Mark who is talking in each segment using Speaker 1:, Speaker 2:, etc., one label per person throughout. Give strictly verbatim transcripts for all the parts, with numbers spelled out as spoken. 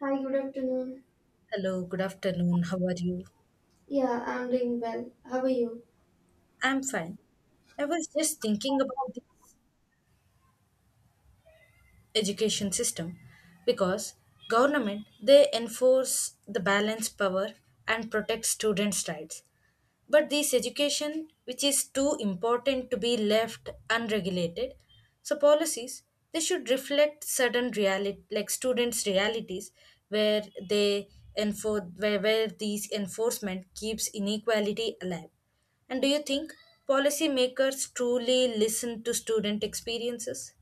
Speaker 1: Hi, good afternoon.
Speaker 2: Hello, good afternoon. How are you?
Speaker 1: Yeah, I'm doing well. How are you?
Speaker 2: I'm fine. I was just thinking about the education system because government they enforce the balance power and protect students' rights. But this education, which is too important to be left unregulated, so policies they should reflect certain reality, like students' realities, where they enforce where, where these enforcement keeps inequality alive. And do you think policymakers truly listen to student experiences?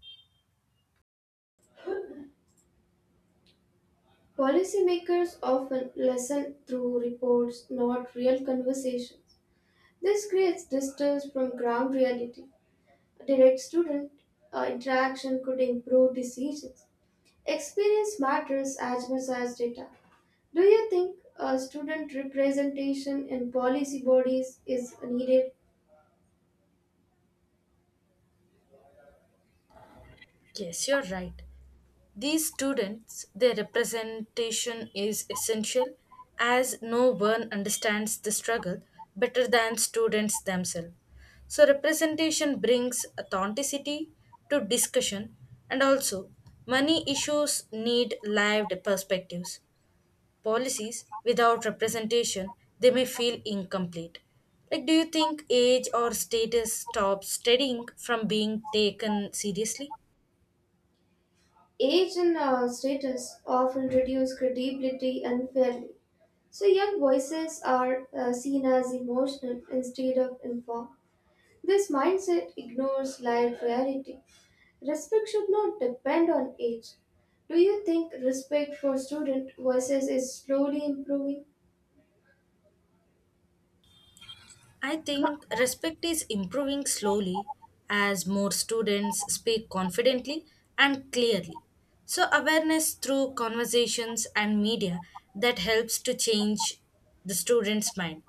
Speaker 1: Policymakers often listen through reports, not real conversations. This creates distance from ground reality. Direct student uh, interaction could improve decisions. Experience matters as much as data. Do you think uh, student representation in policy bodies is needed?
Speaker 2: Yes, you're right. These students, their representation is essential as no one understands the struggle better than students themselves. So, representation brings authenticity to discussion, and also, money issues need lived perspectives. Policies without representation, they may feel incomplete. Like, do you think age or status stops studying from being taken seriously?
Speaker 1: Age and uh, status often reduce credibility unfairly. So, young voices are uh, seen as emotional instead of informed. This mindset ignores life reality. Respect should not depend on age. Do you think respect for student voices is slowly improving?
Speaker 2: I think respect is improving slowly as more students speak confidently and clearly. So, awareness through conversations and media that helps to change the student's mind.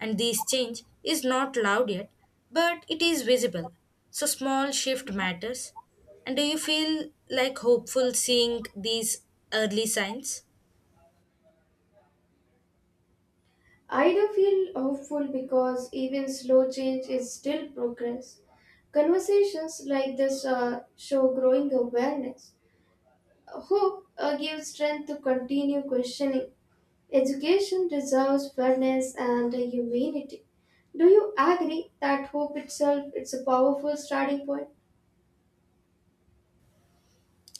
Speaker 2: And this change is not loud yet, but it is visible. So, small shift matters. And do you feel like hopeful seeing these early signs?
Speaker 1: I do feel hopeful because even slow change is still progress. Conversations like this uh, show growing awareness. Hope uh, gives strength to continue questioning. Education deserves fairness and humanity. Do you agree that hope itself is a powerful starting point?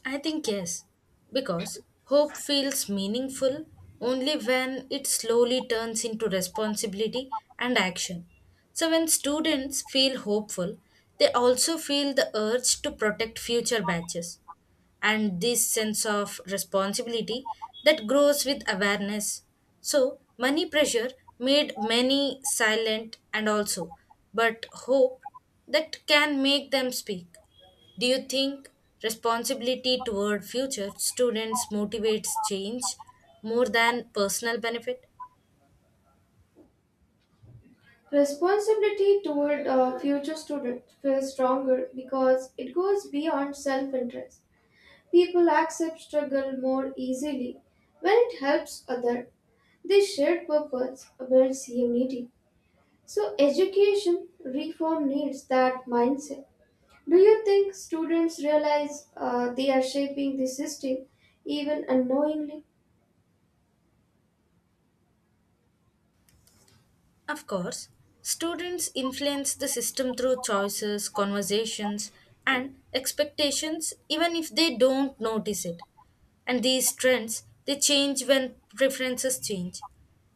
Speaker 2: I think yes, because hope feels meaningful only when it slowly turns into responsibility and action. So, when students feel hopeful, they also feel the urge to protect future batches and this sense of responsibility that grows with awareness. So, money pressure made many silent and also, but hope that can make them speak. Do you think responsibility toward future students motivates change more than personal benefit?
Speaker 1: Responsibility toward uh, future students feels stronger because it goes beyond self interest. People accept struggle more easily when it helps others. This shared purpose builds unity. So, education reform needs that mindset. Do you think students realize uh, they are shaping the system even unknowingly?
Speaker 2: Of course, students influence the system through choices, conversations, and expectations even if they don't notice it. And these trends they change when preferences change.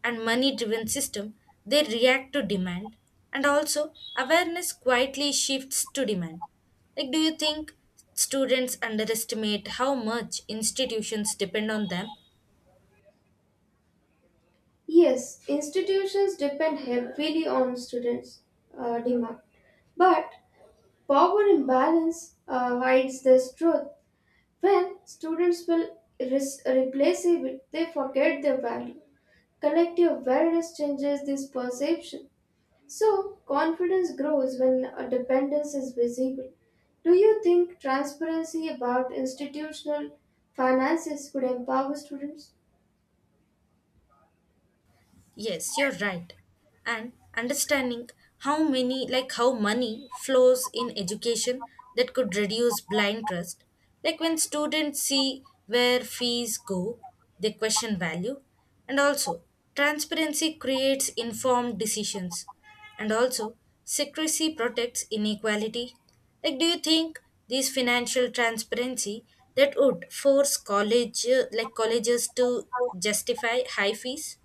Speaker 2: And money driven system they react to demand and also awareness quietly shifts to demand. Like do you think students underestimate how much institutions depend on them?
Speaker 1: Yes, institutions depend heavily on students' uh, demand, but power imbalance uh, hides this truth. When students will res- replaceable, they forget their value. Collective awareness changes this perception. So, confidence grows when a dependence is visible. Do you think transparency about institutional finances could empower students?
Speaker 2: Yes, you're right. And understanding how many, like how money flows in education that could reduce blind trust. Like when students see where fees go, they question value. And also, transparency creates informed decisions. And also, secrecy protects inequality. Like, do you think these financial transparency that would force college, uh, like colleges to justify high fees?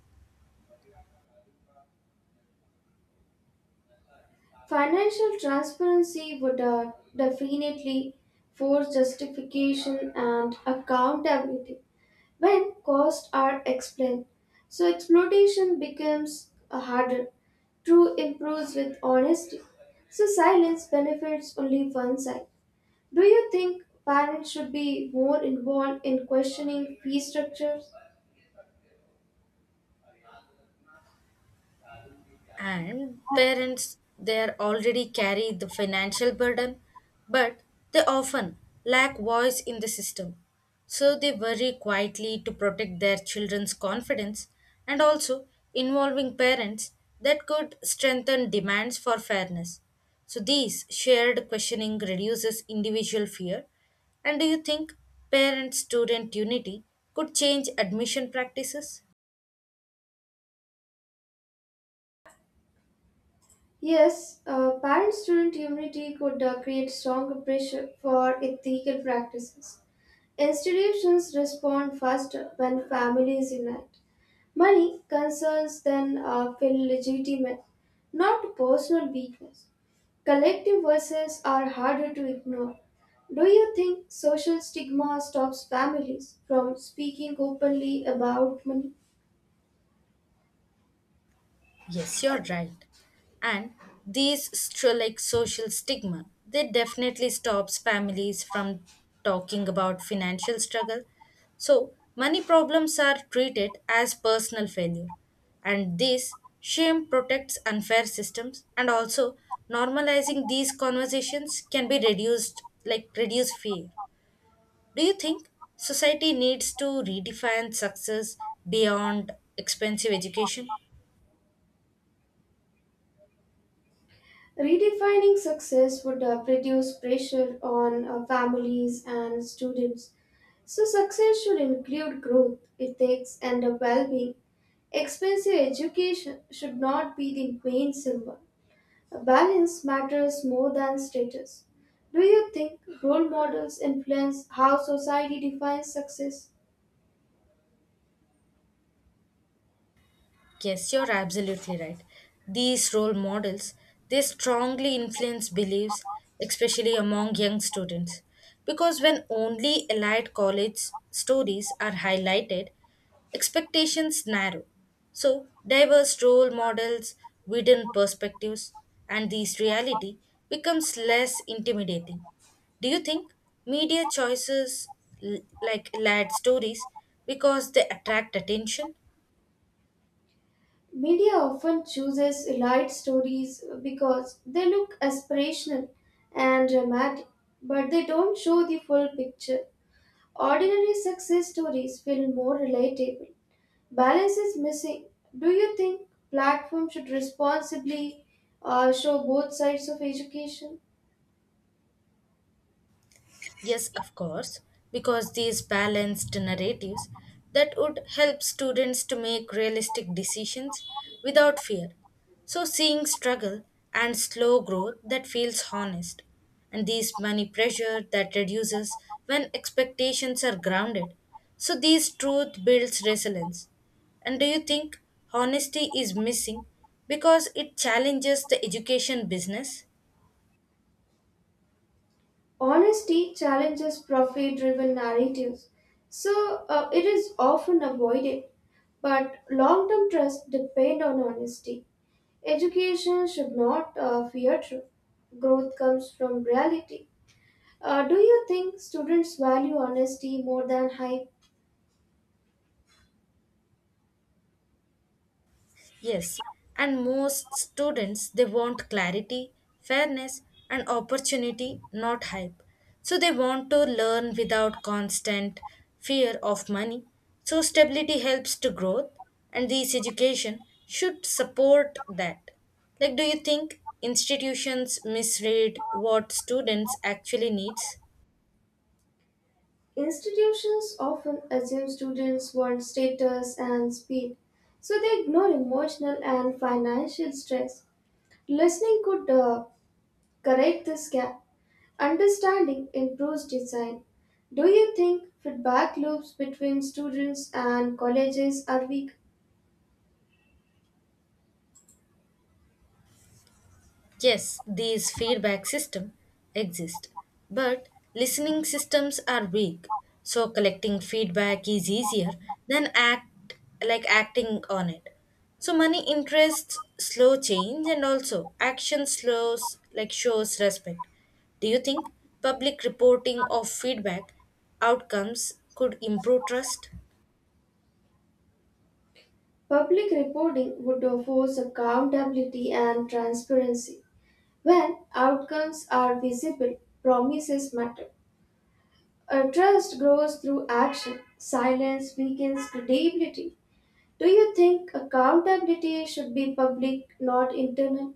Speaker 1: Financial transparency would uh, definitely force justification and accountability when costs are explained. So, exploitation becomes uh, harder. Truth improves with honesty. So, silence benefits only one side. Do you think parents should be more involved in questioning fee structures?
Speaker 2: And parents they are already carry the financial burden, but they often lack voice in the system. So they worry quietly to protect their children's confidence and also involving parents that could strengthen demands for fairness. So these shared questioning reduces individual fear. And do you think parent student unity could change admission practices?
Speaker 1: Yes, uh, parent student unity could uh, create strong pressure for ethical practices. Institutions respond faster when families unite. Money concerns then uh, feel legitimate, not personal weakness. Collective voices are harder to ignore. Do you think social stigma stops families from speaking openly about money?
Speaker 2: Yes, you're right. And these st- like social stigma, they definitely stops families from talking about financial struggle. So money problems are treated as personal failure, and this shame protects unfair systems. And also normalizing these conversations can be reduced, like reduce fear. Do you think society needs to redefine success beyond expensive education?
Speaker 1: Redefining success would uh, reduce pressure on uh, families and students. So, success should include growth, ethics, and a well being. Expensive education should not be the main symbol. Balance matters more than status. Do you think role models influence how society defines success?
Speaker 2: Yes, you're absolutely right. These role models, they strongly influence beliefs, especially among young students. Because when only elite college stories are highlighted, expectations narrow. So, diverse role models, hidden perspectives, and these reality becomes less intimidating. Do you think media choices l- like lad stories because they attract attention?
Speaker 1: Media often chooses light stories because they look aspirational and dramatic, but they don't show the full picture. Ordinary success stories feel more relatable. Balance is missing. Do you think platforms should responsibly uh, show both sides of education?
Speaker 2: Yes, of course, because these balanced narratives that would help students to make realistic decisions without fear. So seeing struggle and slow growth that feels honest and these money pressure that reduces when expectations are grounded. So these truth builds resilience. And do you think honesty is missing because it challenges the education business?
Speaker 1: Honesty challenges profit driven narratives, so uh, it is often avoided, but long term trust depend on honesty. Education should not uh, fear truth. Growth comes from reality. Uh, do you think students value honesty more than hype?
Speaker 2: Yes, and most students they want clarity, fairness, and opportunity, not hype. So they want to learn without constant fear of money. So stability helps to growth, and this education should support that. Like, do you think institutions misread what students actually needs?
Speaker 1: Institutions often assume students want status and speed, so they ignore emotional and financial stress. Listening could uh, correct this gap. Understanding improves design. Do you think feedback loops between students and colleges are weak?
Speaker 2: Yes, these feedback systems exist, but listening systems are weak, so collecting feedback is easier than act like acting on it. So money interests slow change and also action slows like shows respect. Do you think public reporting of feedback outcomes could improve trust?
Speaker 1: Public reporting would force accountability and transparency. When outcomes are visible, promises matter. A trust grows through action. Silence weakens credibility. Do you think accountability should be public, not internal?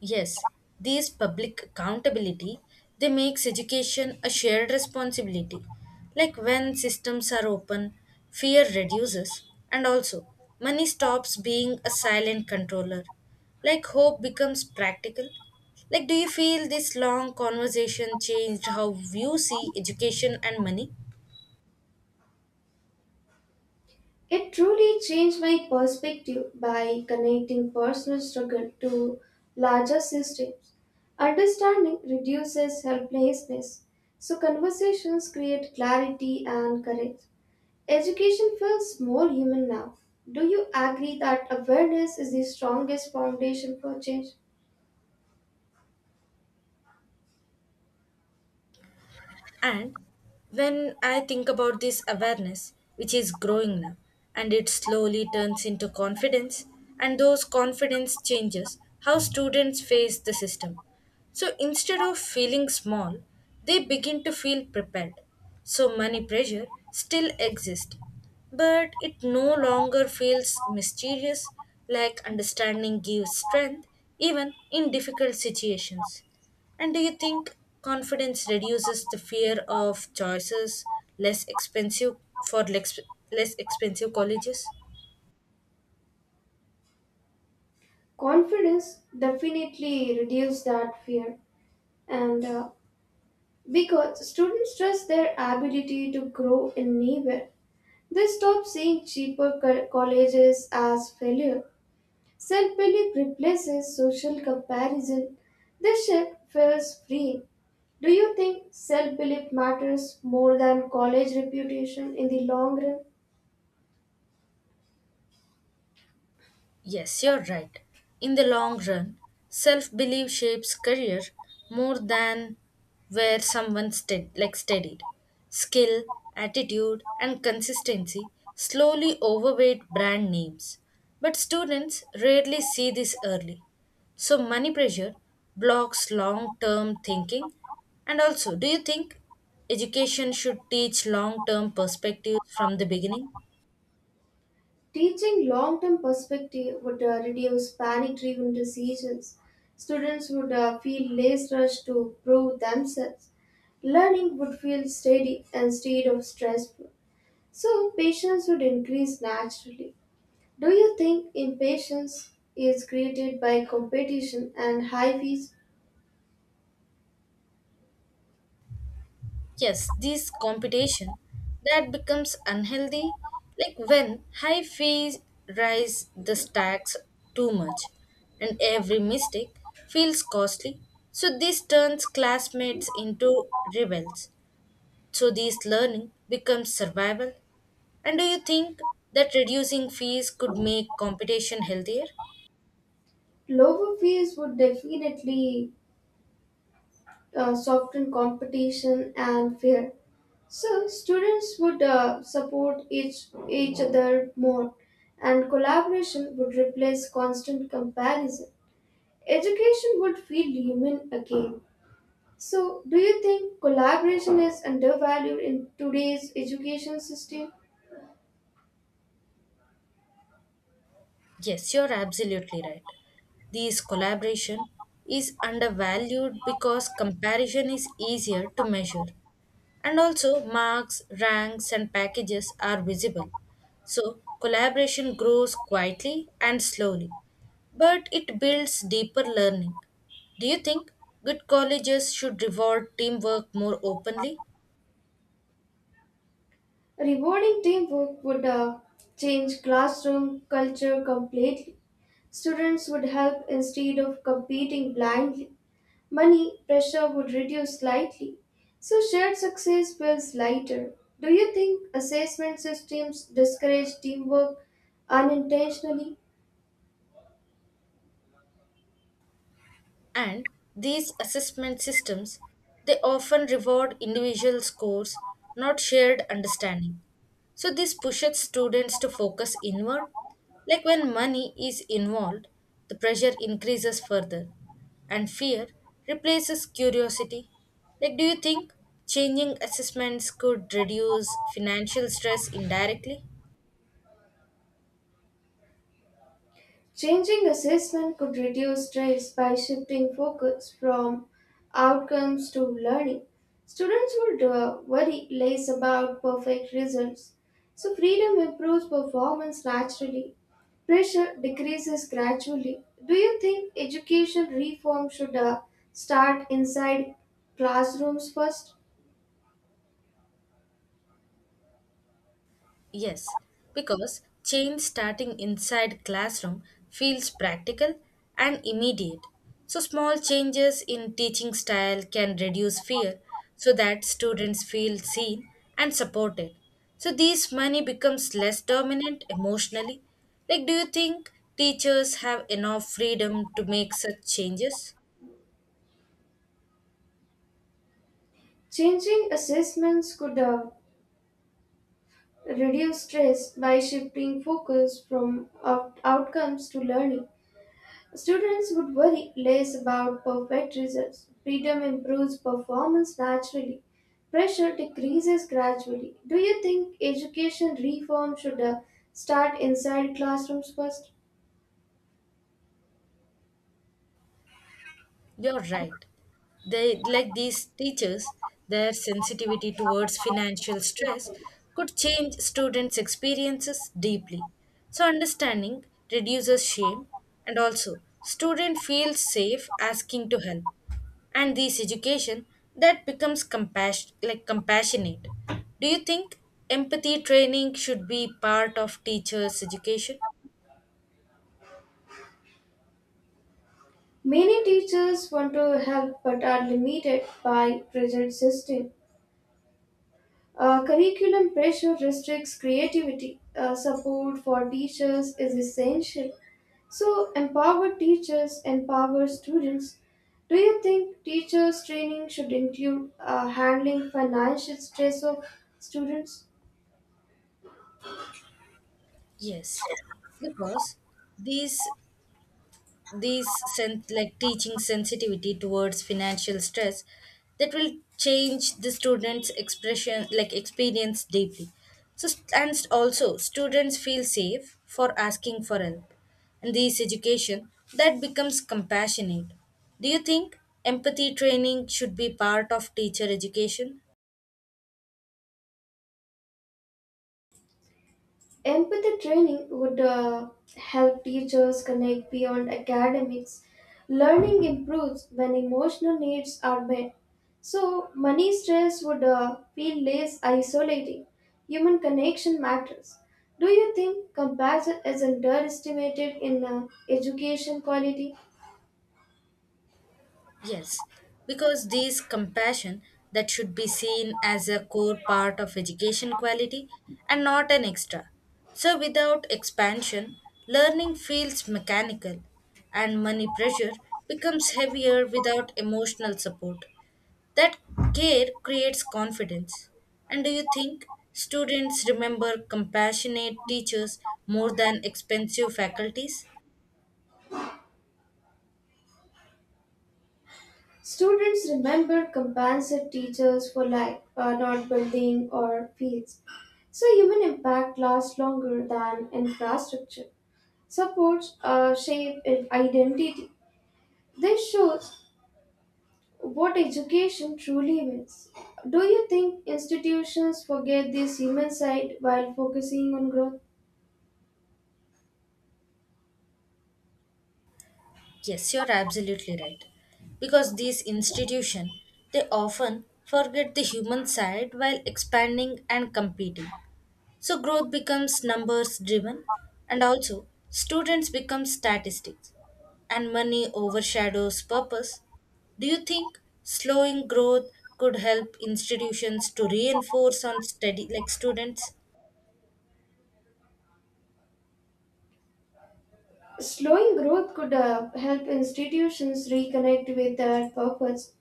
Speaker 2: Yes, these public accountability they makes education a shared responsibility. Like when systems are open, fear reduces and also money stops being a silent controller. Like hope becomes practical. Like do you feel this long conversation changed how you see education and money?
Speaker 1: It truly changed my perspective by connecting personal struggle to larger systems. Understanding reduces helplessness, so conversations create clarity and courage. Education feels more human now. Do you agree that awareness is the strongest foundation for change?
Speaker 2: And when I think about this awareness, which is growing now, and it slowly turns into confidence, and those confidence changes how students face the system. So instead of feeling small, they begin to feel prepared. So money pressure still exists, but it no longer feels mysterious, like understanding gives strength even in difficult situations. And do you think confidence reduces the fear of choices less expensive for lex- less expensive colleges?
Speaker 1: Confidence definitely reduces that fear, and uh, because students trust their ability to grow in anywhere. They stop seeing cheaper co- colleges as failure. Self belief replaces social comparison. The shift feels free. Do you think self belief matters more than college reputation in the long run?
Speaker 2: Yes, you're right. In the long run, self belief shapes career more than where someone stead- like steadied. Skill, attitude, and consistency slowly overweight brand names. But students rarely see this early. So money pressure blocks long term thinking. And also, do you think education should teach long term perspectives from the beginning?
Speaker 1: Teaching long term perspective would uh, reduce panic driven decisions. Students would uh, feel less rushed to prove themselves. Learning would feel steady instead of stressful. So, patience would increase naturally. Do you think impatience is created by competition and high fees?
Speaker 2: Yes, this competition that becomes unhealthy, like when high fees rise the stacks too much, and every mistake feels costly. So this turns classmates into rebels. So this learning becomes survival. And do you think that reducing fees could make competition healthier?
Speaker 1: Lower fees would definitely uh, soften competition and fear. So students would uh, support each each other more, and collaboration would replace constant comparison. Education would feel human again. So, do you think collaboration is undervalued in today's education system?
Speaker 2: Yes, you're absolutely right. This collaboration is undervalued because comparison is easier to measure. And also, marks, ranks, and packages are visible. So, collaboration grows quietly and slowly, but it builds deeper learning. Do you think good colleges should reward teamwork more openly?
Speaker 1: Rewarding teamwork would uh, change classroom culture completely. Students would help instead of competing blindly. Money pressure would reduce slightly. So shared success feels lighter. Do you think assessment systems discourage teamwork unintentionally?
Speaker 2: And these assessment systems they often reward individual scores not shared understanding, so this pushes students to focus inward. Like when money is involved, the pressure increases further and fear replaces curiosity. Like do you think changing assessments could reduce financial stress indirectly?
Speaker 1: Changing assessment could reduce stress by shifting focus from outcomes to learning. Students would uh, worry less about perfect results, so freedom improves performance naturally. Pressure decreases gradually. Do you think education reform should uh, start inside classrooms first?
Speaker 2: Yes, because change starting inside classroom feels practical and immediate. So small changes in teaching style can reduce fear so that students feel seen and supported. So these money becomes less dominant emotionally. Like do you think teachers have enough freedom to make such changes?
Speaker 1: Changing assessments could uh, reduce stress by shifting focus from out- outcomes to learning. Students would worry less about perfect results. Freedom improves performance naturally. Pressure decreases gradually. Do you think education reform should uh, start inside classrooms first?
Speaker 2: You're right. They like these teachers, their sensitivity towards financial stress could change students' experiences deeply. So understanding reduces shame and also student feels safe asking to help. And this education that becomes compassion like compassionate. Do you think empathy training should be part of teachers' education?
Speaker 1: Many teachers want to help but are limited by rigid system. Uh, curriculum pressure restricts creativity. Uh, support for teachers is essential. So, empower teachers, empower students. Do you think teachers' training should include uh, handling financial stress of students?
Speaker 2: Yes, because these these sen- like teaching sensitivity towards financial stress that will change the students expression like experience deeply, so st- and st- also students feel safe for asking for help and this education that becomes compassionate. Do you think empathy training should be part of teacher education?
Speaker 1: Empathy training would uh, help teachers connect beyond academics. Learning improves when emotional needs are met. So, money stress would uh, feel less isolating. Human connection matters. Do you think compassion is underestimated in uh, education quality?
Speaker 2: Yes, because these compassion that should be seen as a core part of education quality and not an extra. So without expansion, learning feels mechanical and money pressure becomes heavier without emotional support. That care creates confidence. And do you think students remember compassionate teachers more than expensive faculties?
Speaker 1: Students remember compensate teachers for like uh, not building or fields. So human impact lasts longer than infrastructure. Supports uh, shape and identity. This shows what education truly means. Do you think institutions forget this human side while focusing on growth?
Speaker 2: Yes, you're absolutely right. Because these institutions, they often forget the human side while expanding and competing. So growth becomes numbers driven and also students become statistics and money overshadows purpose. Do you think slowing growth could help institutions to reinforce on study like students?
Speaker 1: Slowing growth could uh, help institutions reconnect with their purpose.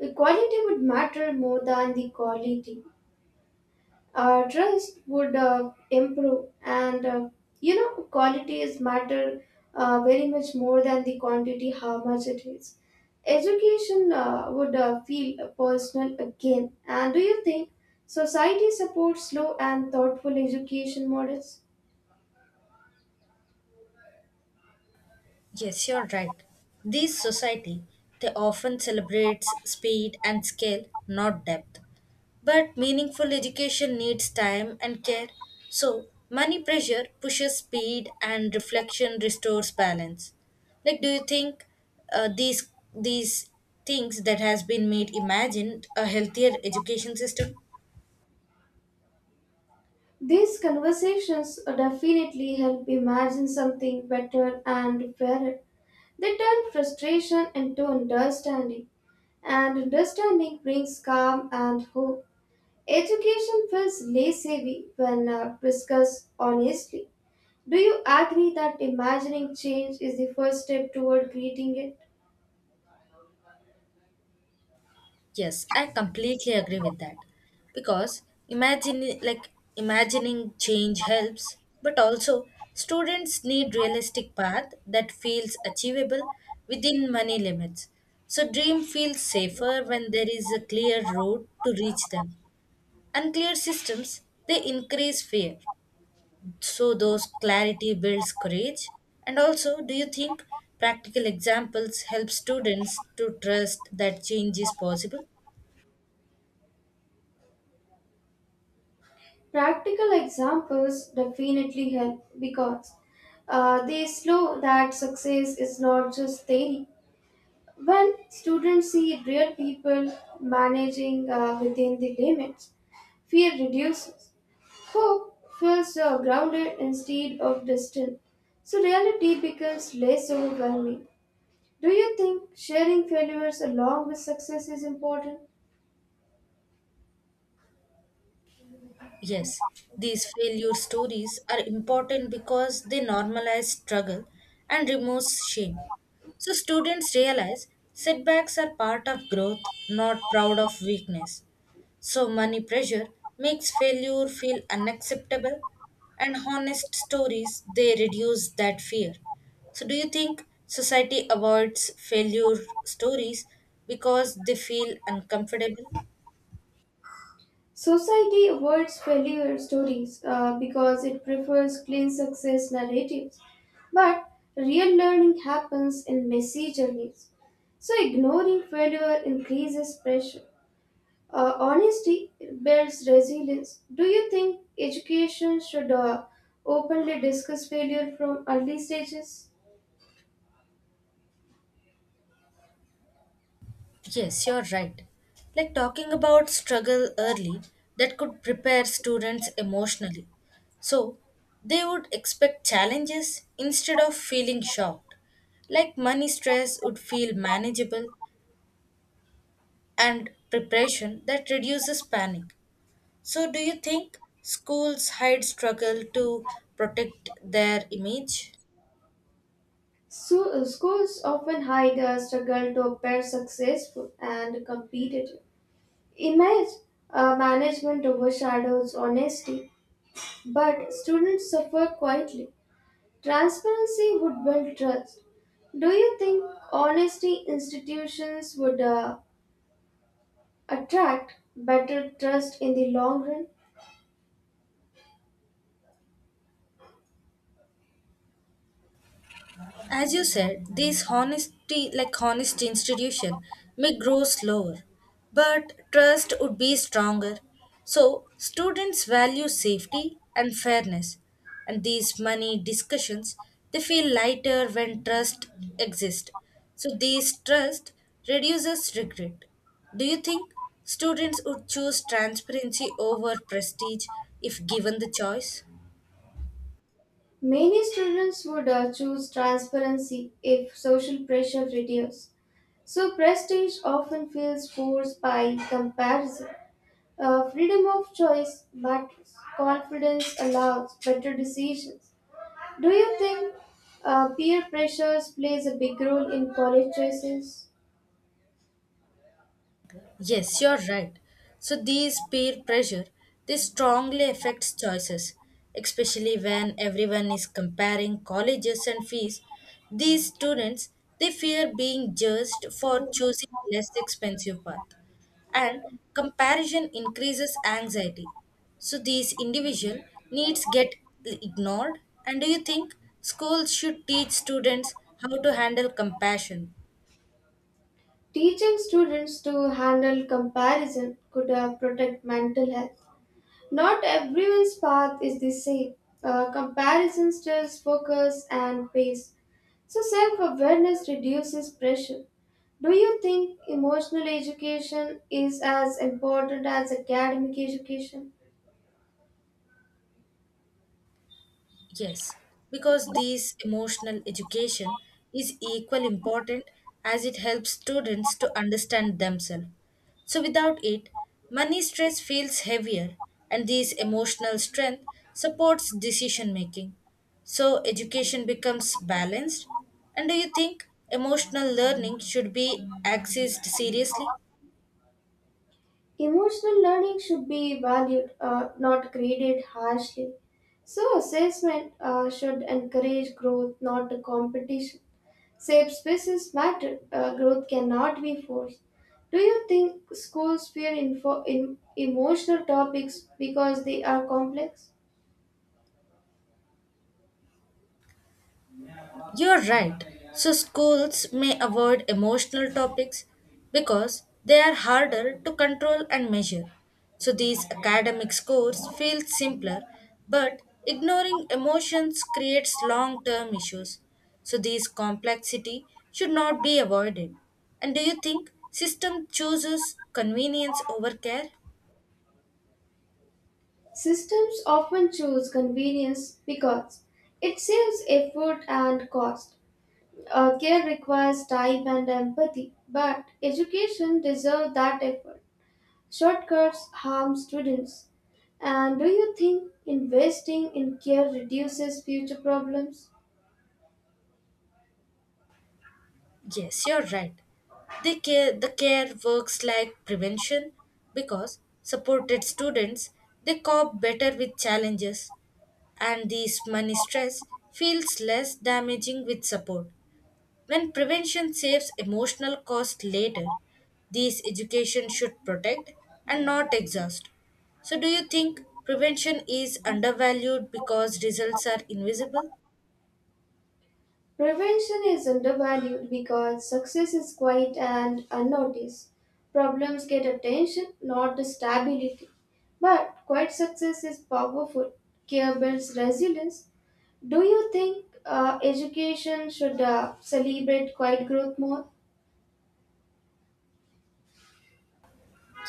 Speaker 1: The quality would matter more than the quality. Our trust would uh, improve, and uh, you know, quality is matter uh, very much more than the quantity, how much it is. Education uh, would uh, feel personal again. And do you think society supports slow and thoughtful education models?
Speaker 2: Yes, you're right. These society they often celebrates speed and scale, not depth. But meaningful education needs time and care. So money pressure pushes speed and reflection restores balance. Like do you think uh, these these things that has been made imagined a healthier education system?
Speaker 1: These conversations definitely help imagine something better and fairer. They turn frustration into understanding, and understanding brings calm and hope. Education feels less heavy when uh, discussed honestly. Do you agree that imagining change is the first step toward creating it?
Speaker 2: Yes, I completely agree with that. Because imagine like imagining change helps, but also students need realistic path that feels achievable within money limits. So dream feels safer when there is a clear road to reach them. Unclear systems they increase fear. So those clarity builds courage. And also, do you think practical examples help students to trust that change is possible?
Speaker 1: Practical examples definitely help because uh, they show that success is not just theory. When students see real people managing uh, within the limits, fear reduces. Hope feels uh, grounded instead of distant, so reality becomes less overwhelming. Do you think sharing failures along with success is important?
Speaker 2: Yes, these failure stories are important because they normalize struggle and removes shame. So students realize setbacks are part of growth, not proud of weakness. So money pressure makes failure feel unacceptable and honest stories they reduce that fear. So do you think society avoids failure stories because they feel uncomfortable?
Speaker 1: Society avoids failure stories uh, because it prefers clean success narratives. But real learning happens in messy journeys. So ignoring failure increases pressure. Uh, honesty builds resilience. Do you think education should uh, openly discuss failure from early stages?
Speaker 2: Yes, you're right. Like talking about struggle early, that could prepare students emotionally. So they would expect challenges instead of feeling shocked. Like money stress would feel manageable and preparation that reduces panic. So, do you think schools hide struggle to protect their image?
Speaker 1: So, uh, schools often hide a struggle to appear successful and competitive. Image uh, management overshadows honesty, but students suffer quietly. Transparency would build trust. Do you think honesty institutions would uh, attract better trust in the long run?
Speaker 2: As you said, these honesty, like honest institution, may grow slower, but trust would be stronger. So students value safety and fairness, and these money discussions they feel lighter when trust exists. So this trust reduces regret. Do you think students would choose transparency over prestige if given the choice?
Speaker 1: Many students would uh, choose transparency if social pressure reduced. So prestige often feels forced by comparison. Uh, freedom of choice matters. Confidence allows better decisions. Do you think uh, peer pressures plays a big role in college choices?
Speaker 2: Yes, you're right. So these peer pressure, this strongly affects choices, especially when everyone is comparing colleges and fees. These students, they fear being judged for choosing less expensive path. And comparison increases anxiety. So these individual needs get ignored. And do you think schools should teach students how to handle compassion?
Speaker 1: Teaching students to handle comparison could uh, protect mental health. Not everyone's path is the same. Uh, comparison stirs focus and pace. So, self awareness reduces pressure. Do you think emotional education is as important as academic education?
Speaker 2: Yes, because this emotional education is equally important as it helps students to understand themselves. So, without it, money stress feels heavier, and this emotional strength supports decision making. So, education becomes balanced. And do you think emotional learning should be accessed seriously?
Speaker 1: Emotional learning should be valued, uh, not graded harshly. So, assessment uh, should encourage growth, not the competition. Safe spaces matter, uh, growth cannot be forced. Do you think schools fear info- in emotional topics because they are complex?
Speaker 2: You're right. So, schools may avoid emotional topics because they are harder to control and measure. So, these academic scores feel simpler, but ignoring emotions creates long term issues. So, these complexity should not be avoided. And do you think system chooses convenience over care?
Speaker 1: Systems often choose convenience because it saves effort and cost. Uh, care requires time and empathy, but education deserves that effort. Shortcuts harm students. And do you think investing in care reduces future problems?
Speaker 2: Yes, you're right. The care, the care works like prevention because supported students they cope better with challenges and this money stress feels less damaging with support. When prevention saves emotional cost later, this education should protect and not exhaust. So do you think prevention is undervalued because results are invisible?
Speaker 1: Prevention is undervalued because success is quiet and unnoticed. Problems get attention, not the stability. But quiet success is powerful. Care builds resilience. Do you think uh, education should uh, celebrate quiet growth more?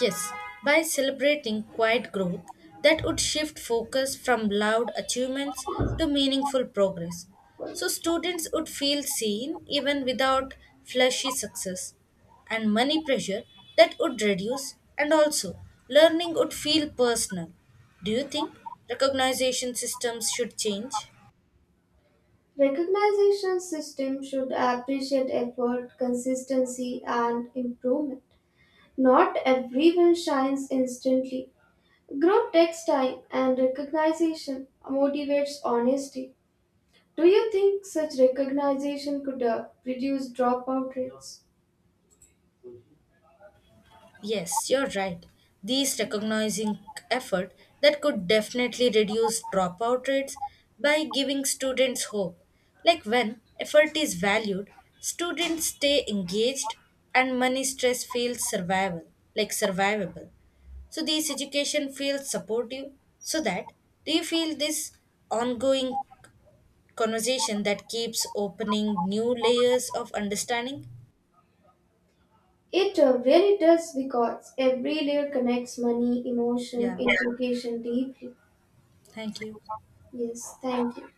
Speaker 2: Yes, by celebrating quiet growth that would shift focus from loud achievements to meaningful progress. So students would feel seen even without flashy success and money pressure that would reduce and also learning would feel personal. Do you think recognition systems should change?
Speaker 1: Recognition system should appreciate effort, consistency, and improvement. Not everyone shines instantly. Growth takes time and recognition motivates honesty. Do you think such recognition could uh, reduce dropout rates?
Speaker 2: Yes, you're right. These recognizing effort that could definitely reduce dropout rates by giving students hope. Like when effort is valued, students stay engaged and money stress feels survival, like survivable. So this education feels supportive so that do you feel this ongoing conversation that keeps opening new layers of understanding?
Speaker 1: It uh, really does because every layer connects money, emotion,
Speaker 2: Yeah,
Speaker 1: education deeply.
Speaker 2: thank you.
Speaker 1: Yes, thank you.